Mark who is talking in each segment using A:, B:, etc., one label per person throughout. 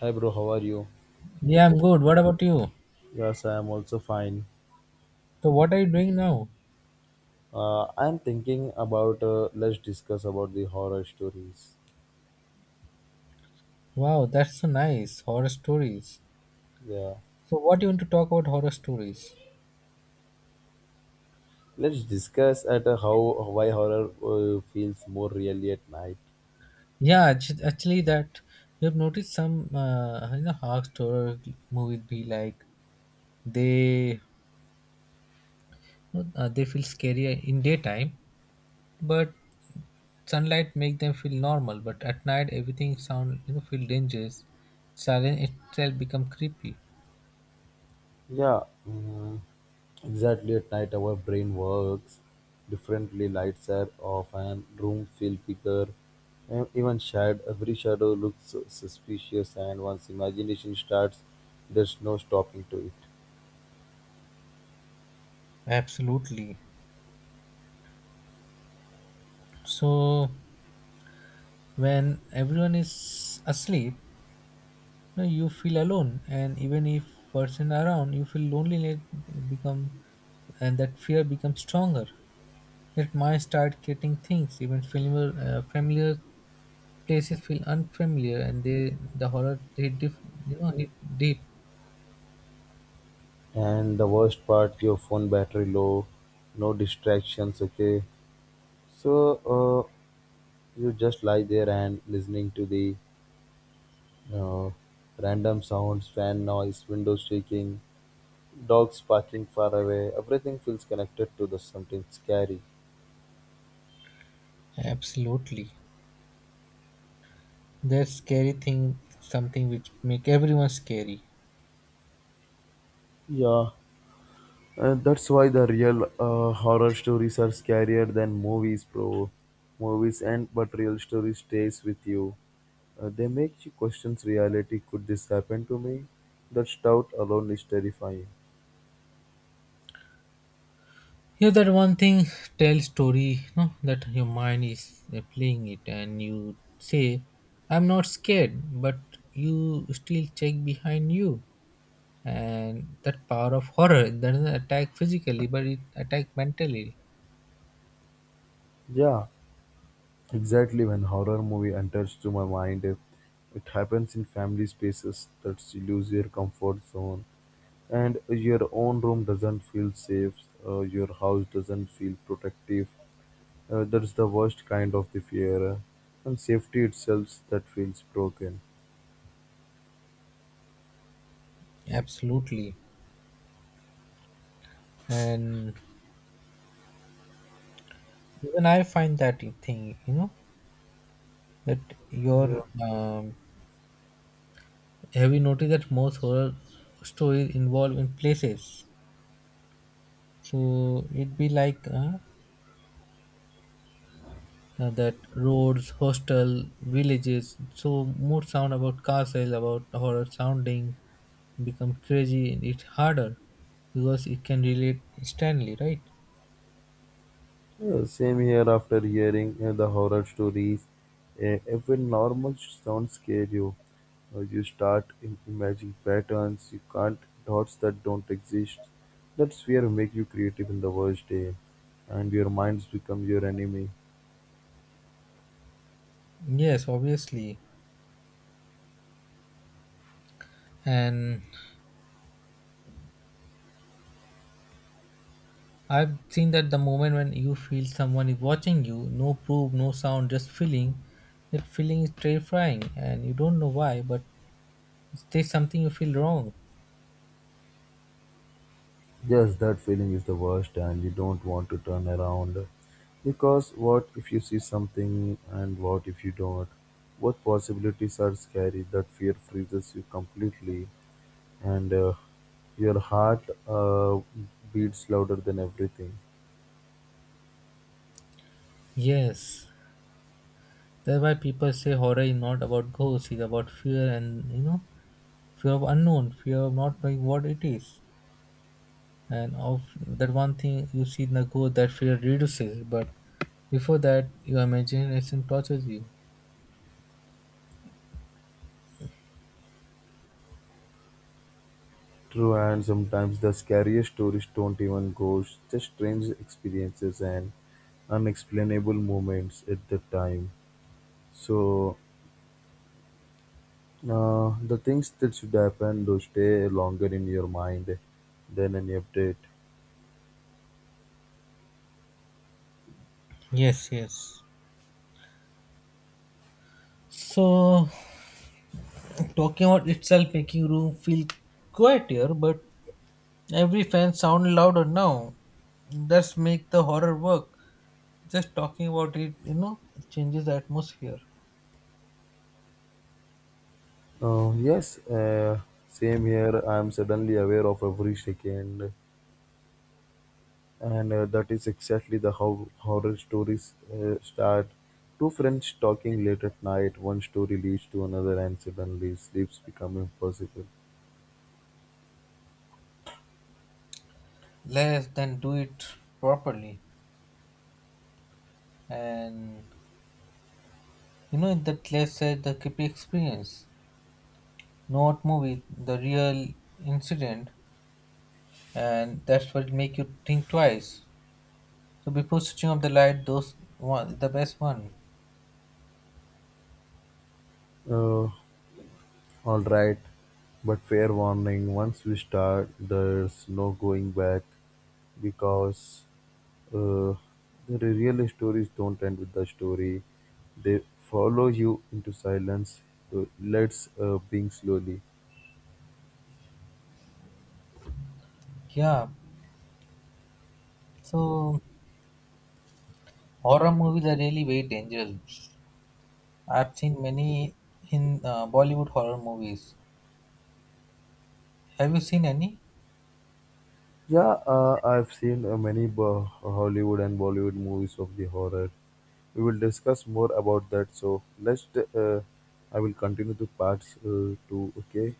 A: Hi bro, how are you?
B: Yeah, I'm good. What about you?
A: Yes, I am also fine.
B: So, what are you doing now?
A: I am thinking about let's discuss about the horror stories.
B: Wow, that's so nice. Horror stories.
A: Yeah,
B: So, what do you want to talk about horror stories?
A: let's discuss at how why horror feels more really at night.
B: Yeah, actually, that you've noticed some, horror story movies be like they, they feel scary in daytime, but sunlight make them feel normal. But at night, everything sound, feel dangerous. Silence itself become creepy.
A: Yeah, mm, exactly at night our brain works differently. Lights are off and room feel bigger. And even shadow, every shadow looks suspicious, and once imagination starts, there's no stopping to it.
B: Absolutely. So when everyone is asleep, no, you feel alone, and even if person around, you feel loneliness become, and that fear becomes stronger. That mind start getting things, even familiar places feel unfamiliar, and they the horror hit diff, you know hit deep.
A: And the worst part, your phone battery low, no distractions. Okay, so you just lie there and listening to the uh, random sounds, fan noise, windows shaking, dogs barking far away. Everything feels connected to the something scary.
B: Absolutely, that scary thing, something which make everyone scary.
A: Yeah. That's why the real horror stories are scarier than movies, bro. Movies and but real story stays with you. They make you question reality. Could this happen to me? That doubt alone is terrifying.
B: Yeah, that one thing tell story, no, that your mind is playing it, and you say, "I'm not scared," but you still check behind you, and that power of horror that doesn't attack physically, but it attack mentally.
A: Yeah, exactly. When horror movie enters to my mind, it happens in family spaces. That's you lose your comfort zone, and your own room doesn't feel safe. Your house doesn't feel protective. That's the worst kind of the fear, and safety itself that feels broken.
B: Absolutely, and even I find that thing, that your
A: Yeah.
B: have you noticed that most horror stories involve in places so it'd be like that roads, hostel, villages. So more sound about castle, about horror sounding become crazy and it's harder because it can relate instantly, right?
A: Same here after hearing the horror stories. Even normal sounds scare you. You start imagining patterns, you can't, thoughts that don't exist. That's fear make you creative in the worst day, and your minds become your enemy.
B: Yes, obviously. And I've seen that the moment when you feel someone is watching you, no proof, no sound, just feeling, that feeling is terrifying and you don't know why, but there's something you feel wrong.
A: Yes, that feeling is the worst, and you don't want to turn around. Because what if you see something and what if you don't? Both possibilities are scary. That fear freezes you completely, and your heart beats louder than everything.
B: Yes. That's why people say horror is not about ghosts, it's about fear and fear of unknown, fear of not knowing what it is, and of that one thing you see in the ghost, that fear reduces. But before that, your imagination tortures you.
A: True, and sometimes the scariest stories don't even ghosts, just strange experiences and unexplainable moments at the time. So, the things that should happen do stay longer in your mind than any update.
B: Yes, yes. So, talking about itself making room feel quieter, but every fan sound louder now. That's make the horror work. Just talking about it, changes the atmosphere.
A: Yes, same here. I am suddenly aware of every second, and that is exactly the how horror stories start. Two friends talking late at night. One story leads to another, and suddenly sleeps become impossible.
B: Less than do it properly, and you know that less said the creepy experience. Not movie, the real incident, and that's what make you think twice. So before switching off the light, those one the best one.
A: Uh, Alright, but fair warning, once we start, there's no going back because uh, the real stories don't end with the story. They follow you into silence. Let's being slowly.
B: Yeah. So horror movies are really very dangerous. I've seen many in Bollywood horror movies. Have you seen any?
A: Yeah, I've seen many Hollywood and Bollywood movies of the horror. We will discuss more about that. So let's. Uh, I will continue to parts two. Okay.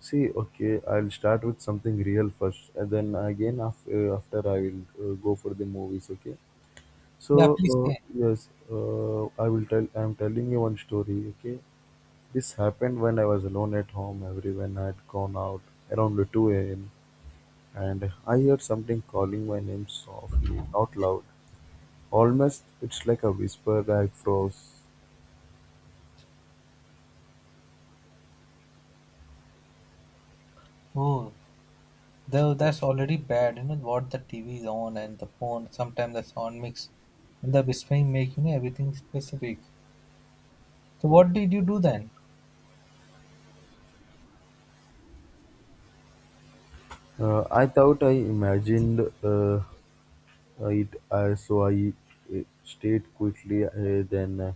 A: See, okay, I'll start with something real first, and then again after I will go for the movies. Okay. So
B: Yeah, please say.
A: yes, I will tell. I'm telling you one story. Okay. This happened when I was alone at home. Everyone had gone out around 2 a.m. and I heard something calling my name softly, not loud. Almost, it's like a whisper. I froze.
B: Oh, though that's already bad. You know what the TV is on and the phone. Sometimes the sound mix and the whispering make you know everything specific. So what did you do then?
A: I thought I imagined it so I stayed quickly. Then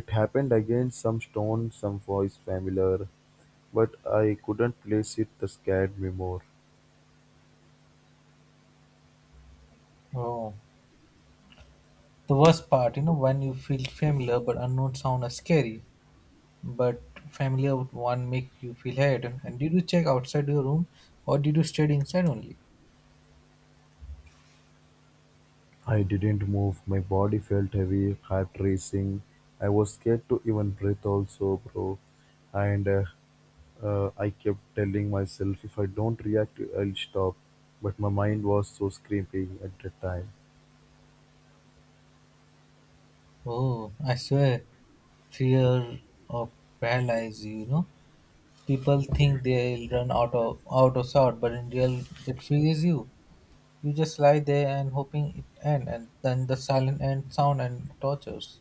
A: it happened again. Some stone, some voice familiar, but I couldn't place it. The scared me more.
B: Oh. The worst part, when you feel familiar but unknown sound are scary, but familiar one make you feel head. And did you check outside your room or did you stay inside only?
A: I didn't move. My body felt heavy, heart racing. I was scared to even breathe, also, bro. And I kept telling myself, if I don't react, I'll stop. But my mind was so screaming at the time.
B: Oh, I swear, fear of paralyze you, you know. People think they'll run out of sort, but in real it freezes you. You just lie there and hoping it end and then the silent end sound and tortures.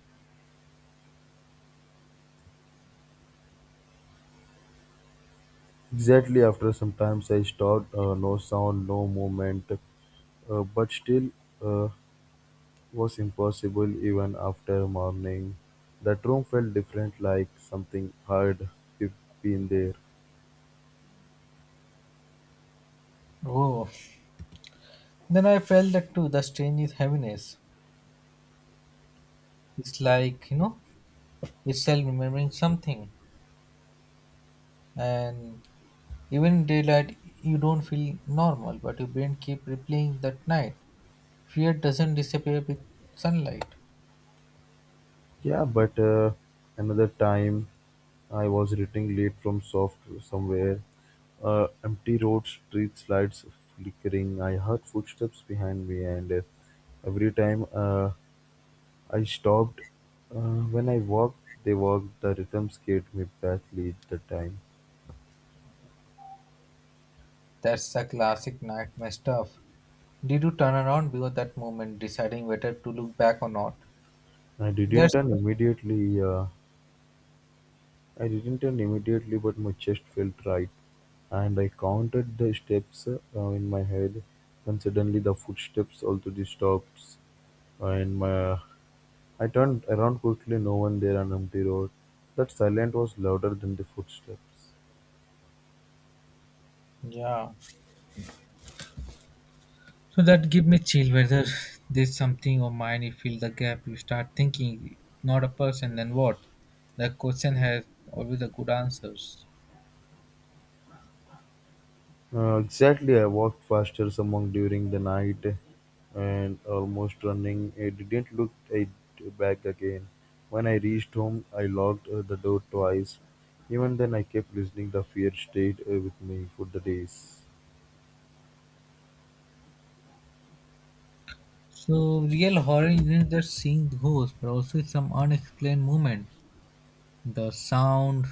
A: Exactly after some times I stopped, no sound, no movement. But still uh, was impossible even after morning. That room felt different, like something hard be- been there.
B: Oh. Then I felt that too, the strange is heaviness. It's like, itself remembering something, and even in daylight you don't feel normal, but your brain keep replaying that night. Fear doesn't disappear with sunlight.
A: Yeah, but another time I was returning late from soft somewhere. Empty road, street lights flickering. I heard footsteps behind me, and every time I stopped, when I walked, they walked. The rhythm scared me badly at the time.
B: That's the classic nightmare stuff. Did you turn around before that moment deciding whether to look back or not?
A: I didn't
B: That's,
A: turn immediately uh, I didn't turn immediately, but my chest felt right, and I counted the steps in my head, and suddenly the footsteps also stopped, and my I turned around quickly. No one there on empty road. That silence was louder than the footsteps.
B: yeah, so that give me chill, whether there's something or mind. You feel the gap, you start thinking not a person, then what? The question has always a good answers.
A: Exactly, I walked faster among during the night and almost running. I didn't look it back again. When I reached home, I locked the door twice. Even then, I kept listening. The fear stayed with me for the days.
B: So real horror isn't just seeing ghosts, but also some unexplained movement, the sound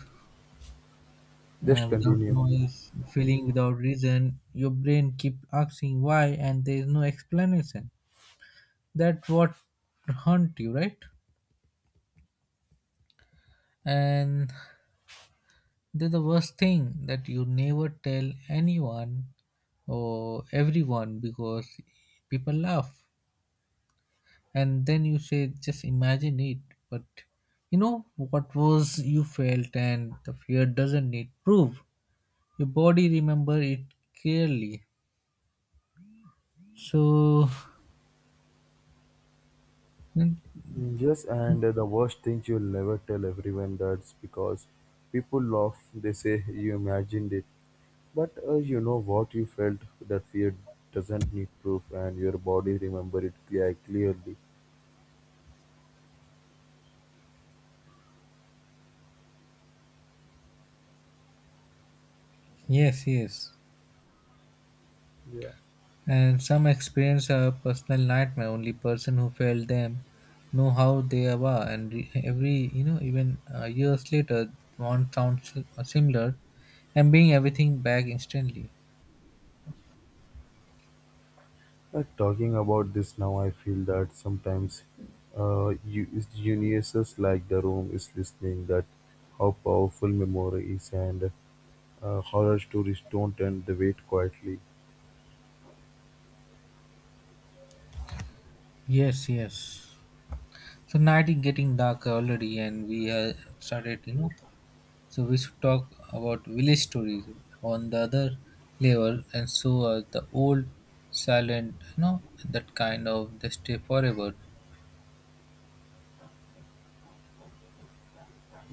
A: Just
B: without
A: continue.
B: noise, feeling without reason. Your brain keeps asking why, and there is no explanation. That's what haunt you, right? And that's the worst thing that you never tell anyone or everyone because people laugh. And then you say just imagine it, but you know what was you felt, and the fear doesn't need proof, your body remember it clearly. So mm,
A: Mm, yes, and the worst thing you'll never tell everyone that's because people laugh, they say you imagined it. But you know what you felt, that fear doesn't need proof, and your body remember it clearly.
B: yes, yes.
A: Yeah,
B: And some experience a personal nightmare, only person who felt them know how they were, and every even years later one sounds similar and being everything back instantly.
A: talking about this now, I feel that sometimes you geniuses like The Room is listening that how powerful memory is, and horror stories don't end the wait quietly.
B: Yes, yes. So night is getting dark already, and we have started, you know. So we should talk about village stories on the other level, and so are the old, silent, you know, that kind of they stay forever.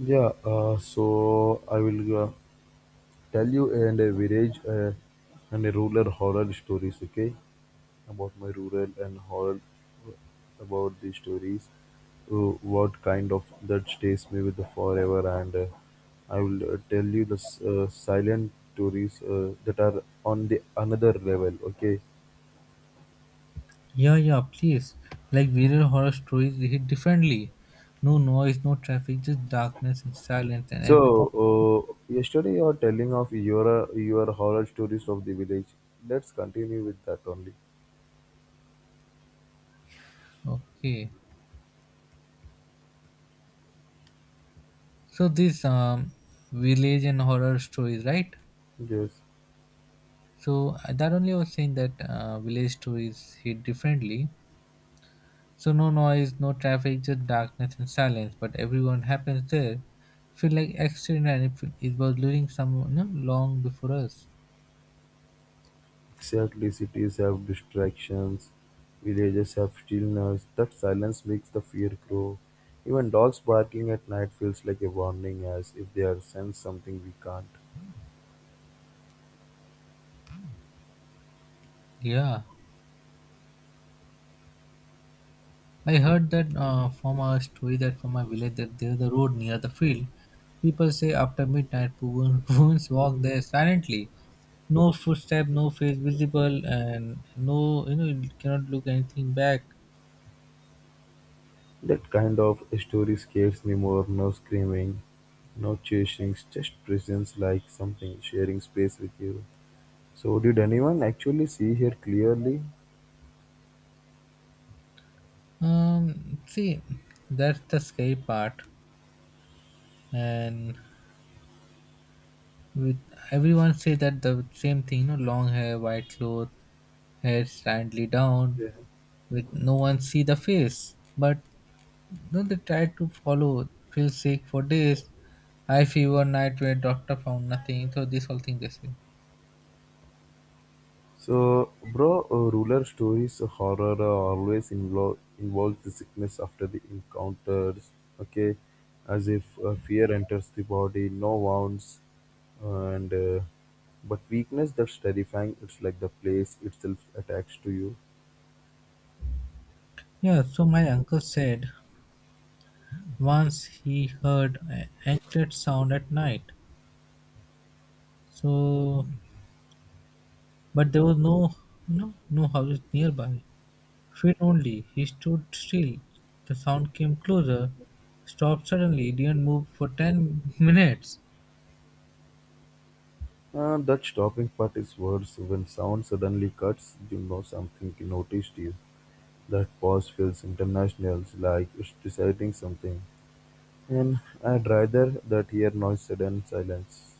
A: Yeah, so I will tell you and a village and a rural horror stories, okay? About my rural and horror about the stories. What kind of that stays me with the forever, and I will tell you the silent stories that are on the another level. Okay,
B: Yeah, yeah, please. Like village horror stories, they hit differently. No noise, no traffic, just darkness and silence and
A: so
B: everything.
A: yesterday you are telling of your horror stories of the village. Let's continue with that only.
B: Okay, so this village and horror stories, right?
A: Yes.
B: So that only I was saying that village stories hit differently. So no noise, no traffic, just darkness and silence. But everyone happens there. Feel like accident and it, it was leading someone you know, long before us.
A: Exactly, cities have distractions, villages have stillness. That silence makes the fear grow. Even dogs barking at night feels like a warning, as if they are sense something we can't.
B: Yeah. I heard that from a story that from my village that there's a road near the field. People say after midnight, women, women walk there silently. No footstep, no face visible, and no, you know, you cannot look anything back.
A: That kind of story scares me more. No screaming, no chasing, just presence like something sharing space with you. So, did anyone actually see here clearly?
B: See, that's the scary part, and with everyone say that the same thing you know long hair white cloth hair slightly down
A: Yeah.
B: with no one see the face but no they try to follow feel sick for days high fever night where doctor found nothing so this whole thing they say.
A: So, bro, ruler stories, horror always involves the sickness after the encounters. Okay, as if fear enters the body, no wounds, and but weakness that's terrifying. It's like the place itself attacks to you.
B: Yeah, so my uncle said once he heard an anklet sound at night, so but there was no no houses nearby. Feet only. He stood still. The sound came closer, stopped suddenly, didn't move for 10 minutes.
A: That stopping part is worse when sound suddenly cuts. You know something noticed you. That pause feels international, like it's deciding something. And I'd rather that hear noise sudden silence.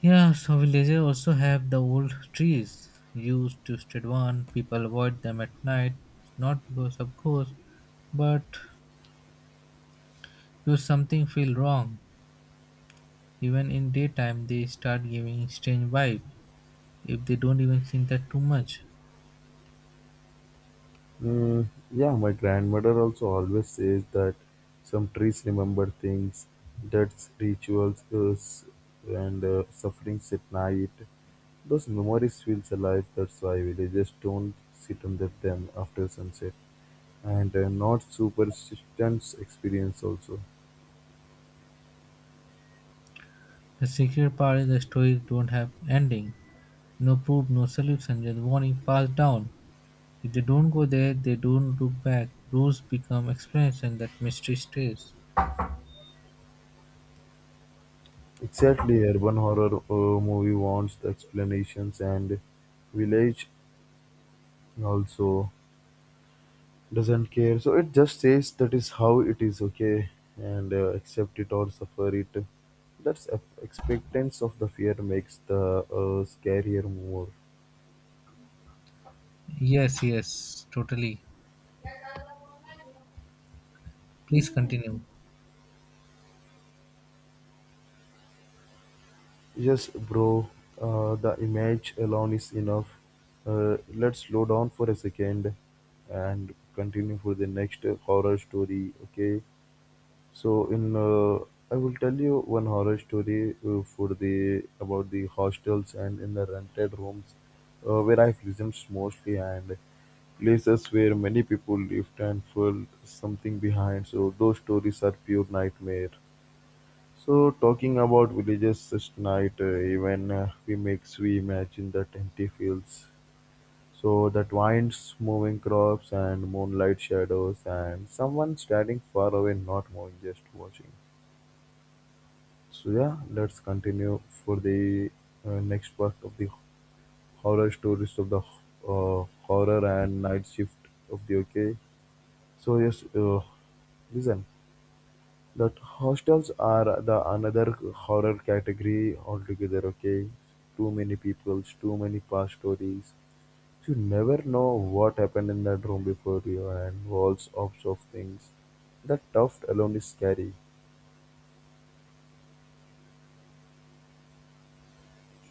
B: Yeah, so villages also have the old trees used to stand one. People avoid them at night, not because of ghosts, but because something feel wrong. Even in daytime, they start giving strange vibe if they don't even think that too much.
A: Mm, yeah, my grandmother also always says that some trees remember things, that rituals is, and sufferings at night. Those memories feels alive. That's why villagers don't sit under them after sunset, and not superstitions experience also.
B: The secret part is the stories don't have ending. No proof, no solution, just warning passed down. If they don't go there, they don't look back. Rows become experience, and that mystery stays.
A: Exactly, urban horror movie wants the explanations and village also. Doesn't care. So it just says that is how it is, okay, and accept it or suffer it. That's expectance of the fear makes the scarier more.
B: Yes, yes, totally. Please continue.
A: Yes, bro, the image alone is enough. Let's slow down for a second and continue for the next horror story, okay? So in I will tell you one horror story for the about the hostels and in the rented rooms where I've lived mostly and places where many people lived and felt something behind. So those stories are pure nightmare. So talking about villages such night, even we makes we imagine that empty fields. So that winds, moving crops and moonlight shadows and someone standing far away, not moving, just watching. So yeah, let's continue for the next part of the horror stories of the horror and night shift of the UK. So yes, listen, that hostels are the another horror category altogether. Okay, too many peoples, too many past stories. You never know what happened in that room before you, and walls of things. That tuft alone is scary.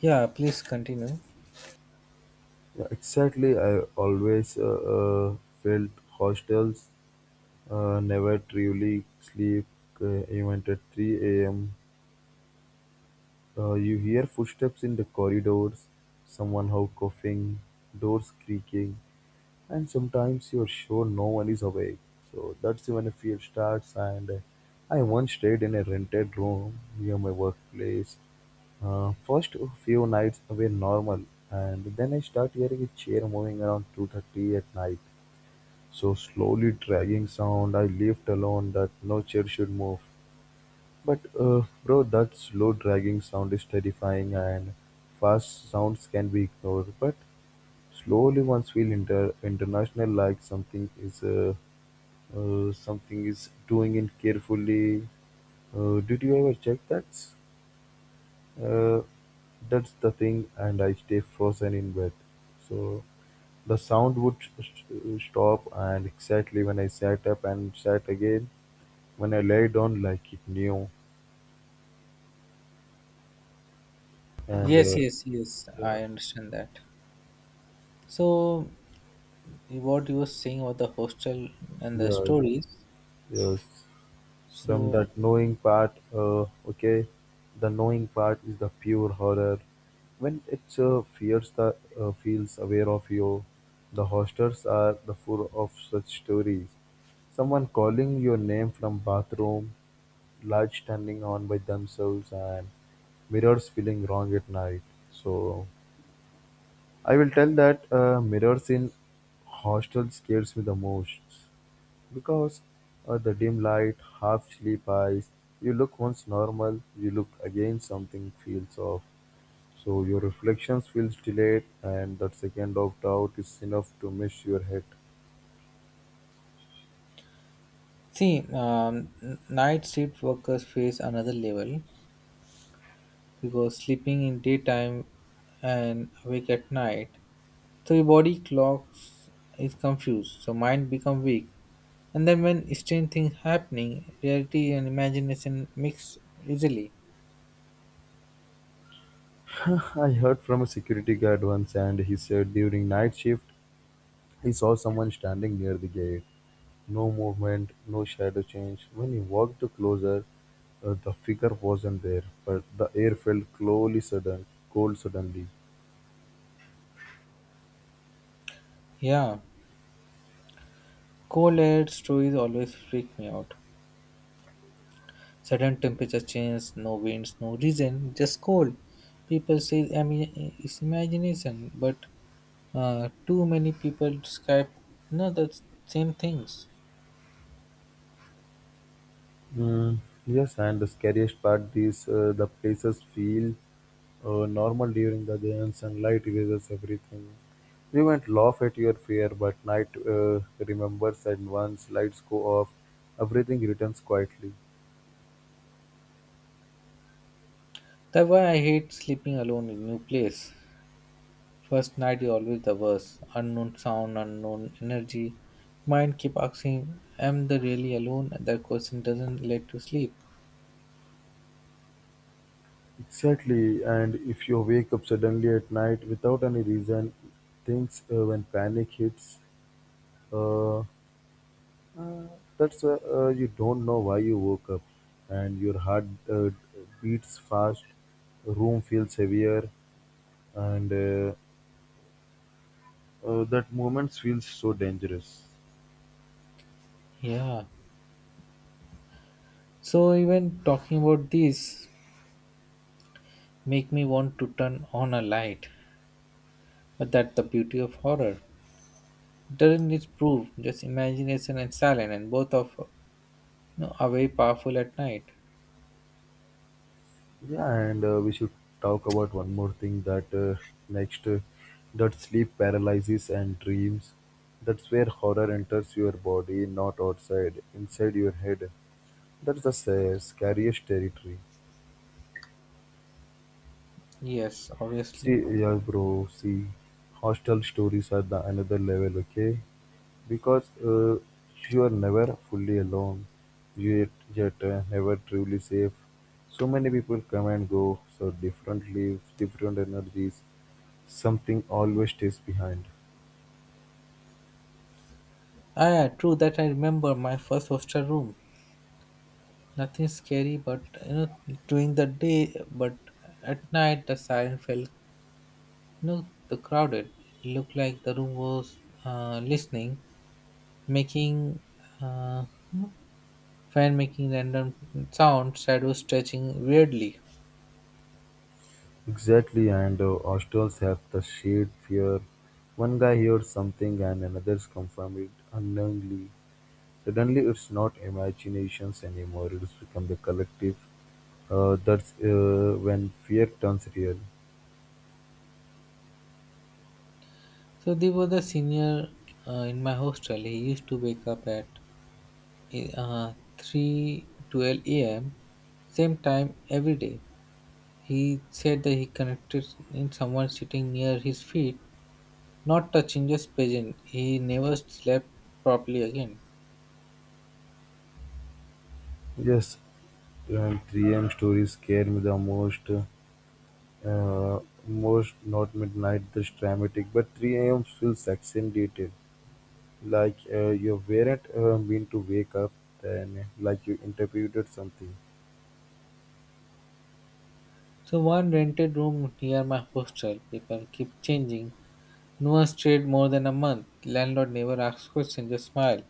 B: Yeah, please continue.
A: Yeah, exactly. I always uh, felt hostels never truly sleep, even at 3 a.m. You hear footsteps in the corridors, someone how coughing, doors creaking, and sometimes you're sure no one is awake. So that's when fear starts. And I once stayed in a rented room near my workplace. First few nights were normal, and then I start hearing a chair moving around 2:30 at night. So slowly dragging sound. I left alone that no chair should move. But bro, that slow dragging sound is terrifying, and fast sounds can be ignored. But slowly once we enter international like something is doing it carefully. Did you ever check that? Uh, that's the thing, and I stay frozen in bed. So the sound would stop, and exactly when I sat up and sat again, when I lay down like it knew, and
B: Yes,
A: uh,
B: yes, yes,
A: yeah,
B: I understand that. So, what you were saying about the hostel and the
A: yeah,
B: stories.
A: yes. From
B: So,
A: that knowing part, okay, the knowing part is the pure horror. When it fears the feels aware of you, the hostels are the full of such stories. Someone calling your name from bathroom, lights turning on by themselves, and mirrors feeling wrong at night. So I will tell that mirrors in hostel scares me the most. Because at the dim light, half sleep eyes, you look once normal, you look again something feels off. So your reflections feels delayed and that second of doubt is enough to miss your head.
B: see, night shift workers face another level because sleeping in daytime and awake at night. So your body clocks is confused, so mind become weak. And then when strange things happening, reality and imagination mix easily.
A: I heard from a security guard once and he said during night shift he saw someone standing near the gate. No movement, no shadow change. When he walked closer, the figure wasn't there, but the air felt slowly sudden, cold suddenly.
B: Yeah. Cold air stories always freak me out. Sudden temperature change, no winds, no reason, just cold. People say I mean, it's imagination, but too many people describe no the same things.
A: Mm, yes, and the scariest part is the places feel normal during the day, and sunlight erases everything. You might laugh at your fear, but night remembers, and once lights go off, everything returns quietly.
B: That's why I hate sleeping alone in new place. First night is always the worst. Unknown sound, unknown energy. Mind keep asking, am they really alone? That question doesn't let you sleep.
A: Exactly, and if you wake up suddenly at night without any reason, things when panic hits, uh, Uh, That's you don't know why you woke up, and your heart uh, beats fast, room feels heavier, and that moment feels so dangerous.
B: Yeah. So even talking about this make me want to turn on a light. But that's the beauty of horror. Doesn't need proof, just imagination and silence and both of you know, are very powerful at night.
A: Yeah, and we should talk about one more thing, that next that sleep paralysis and dreams. That's where horror enters your body, not outside, inside your head. That's the scariest territory.
B: Yes,
A: See,
B: obviously.
A: yeah bro, see, hostel stories are the another level, okay? Because you are never fully alone. You yet, yet never truly safe. So many people come and go, so different lives, different energies. Something always stays behind.
B: Ah yeah, true that I remember my first hostel room. Nothing scary, but during the day, but at night the siren felt, the crowded. It looked like the room was listening, making, uh, you know, fan making random sounds, shadows stretching weirdly.
A: Exactly, and hostels have the shared fear. One guy hears something and another's confirm it unknowingly. Suddenly it's not imaginations anymore, it's become the collective. That's when fear turns real.
B: So they were the senior in my hostel. He used to wake up at 3:12 a.m. same time every day. He said that he connected in someone sitting near his feet. Not a changes present. He never slept properly again.
A: Yes, and 3 a.m. stories scare me the most. Uh, most not midnight, that's dramatic, but 3 a.m. feels accentuated. Like you weren't meant to wake up, then like you interpreted something.
B: So one rented room near my hostel. People keep changing. No one stayed more than a month. Landlord never asked questions, just smile.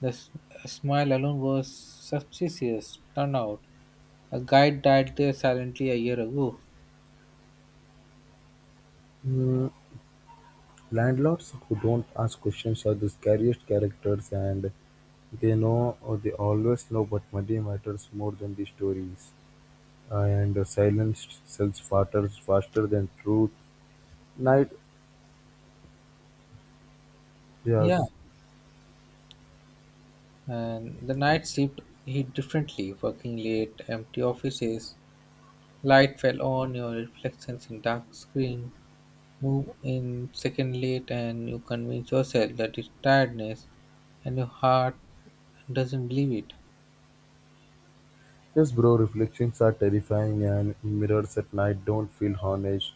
B: The smile alone was suspicious. Turned out, a guy died there silently a year ago.
A: Mm, landlords who don't ask questions are the scariest characters, and they know, or they always know, but money matters more than the stories, and silence sells faster than truth. Night,
B: Yeah,
A: yes.
B: and the night shift hit differently. Working late, empty offices, light fell on your reflections in dark screen. Move in second late and you convince yourself that it's tiredness, and your heart doesn't believe it.
A: Yes bro, reflections are terrifying, and mirrors at night don't feel honest.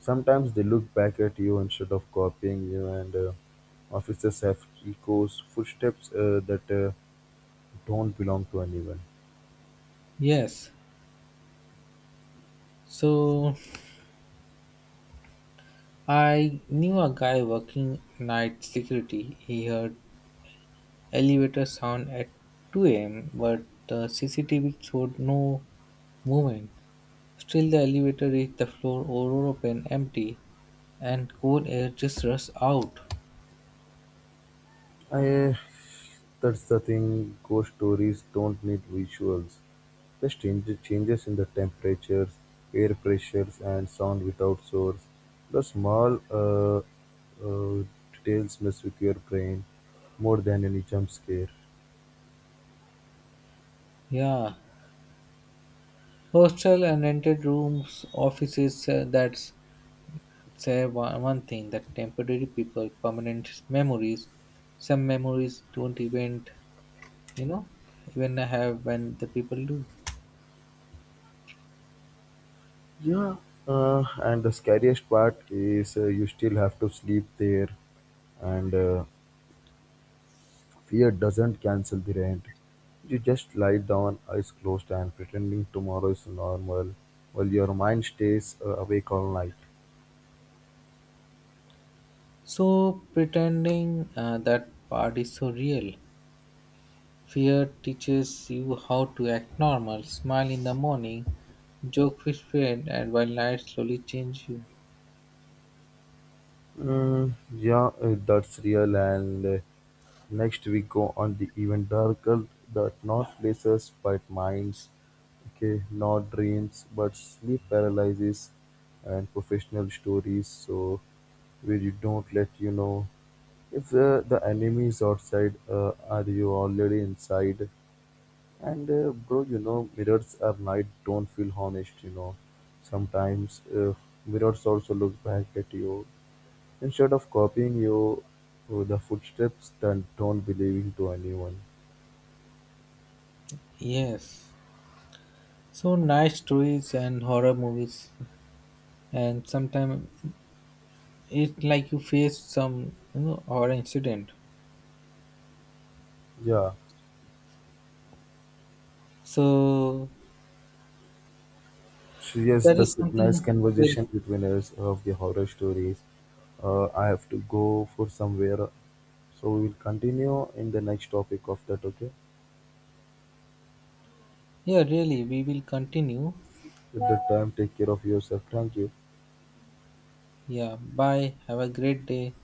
A: Sometimes they look back at you instead of copying you, and officers have echoes, footsteps that don't belong to anyone.
B: Yes. So I knew a guy working night security. He heard elevator sound at 2 a.m. but the CCTV showed no movement. Still the elevator reached the floor all open empty and cold air just rushed out.
A: I, that's the thing. Ghost stories don't need visuals. Just change, changes in the temperatures, air pressures, and sound without source. The small details mess with your brain more than any jump scare.
B: Yeah. Hostel and rented rooms, offices that's say one, one thing that temporary people permanent memories some memories don't even you know even have when the people do.
A: Yeah. And the scariest part is you still have to sleep there, and fear doesn't cancel the rent. You just lie down, eyes closed, and pretending tomorrow is normal, while your mind stays awake all night.
B: So pretending that part is so real. Fear teaches you how to act normal, smile in the morning, joke with friend, and while night slowly change you.
A: Mm, yeah, that's real. And next we go on the even darker, that not places but minds, okay, not dreams but sleep paralysis and professional stories. So where you don't let you know if the enemy is outside, are you already inside? And bro, you know, mirrors at night don't feel honest, you know. Sometimes mirrors also look back at you. Instead of copying you, the footsteps that don't belong to anyone.
B: Yes, so nice stories and horror movies and sometimes it's like you face some horror incident.
A: Yeah,
B: So
A: she has
B: that
A: the
B: is
A: synchronized
B: something. Well,
A: conversation between us of the horror stories. I have to go for somewhere, so we will continue in the next topic of that, okay?
B: yeah, really, we will continue.
A: At that time, take care of yourself. Thank you.
B: Yeah, bye. Have a great day.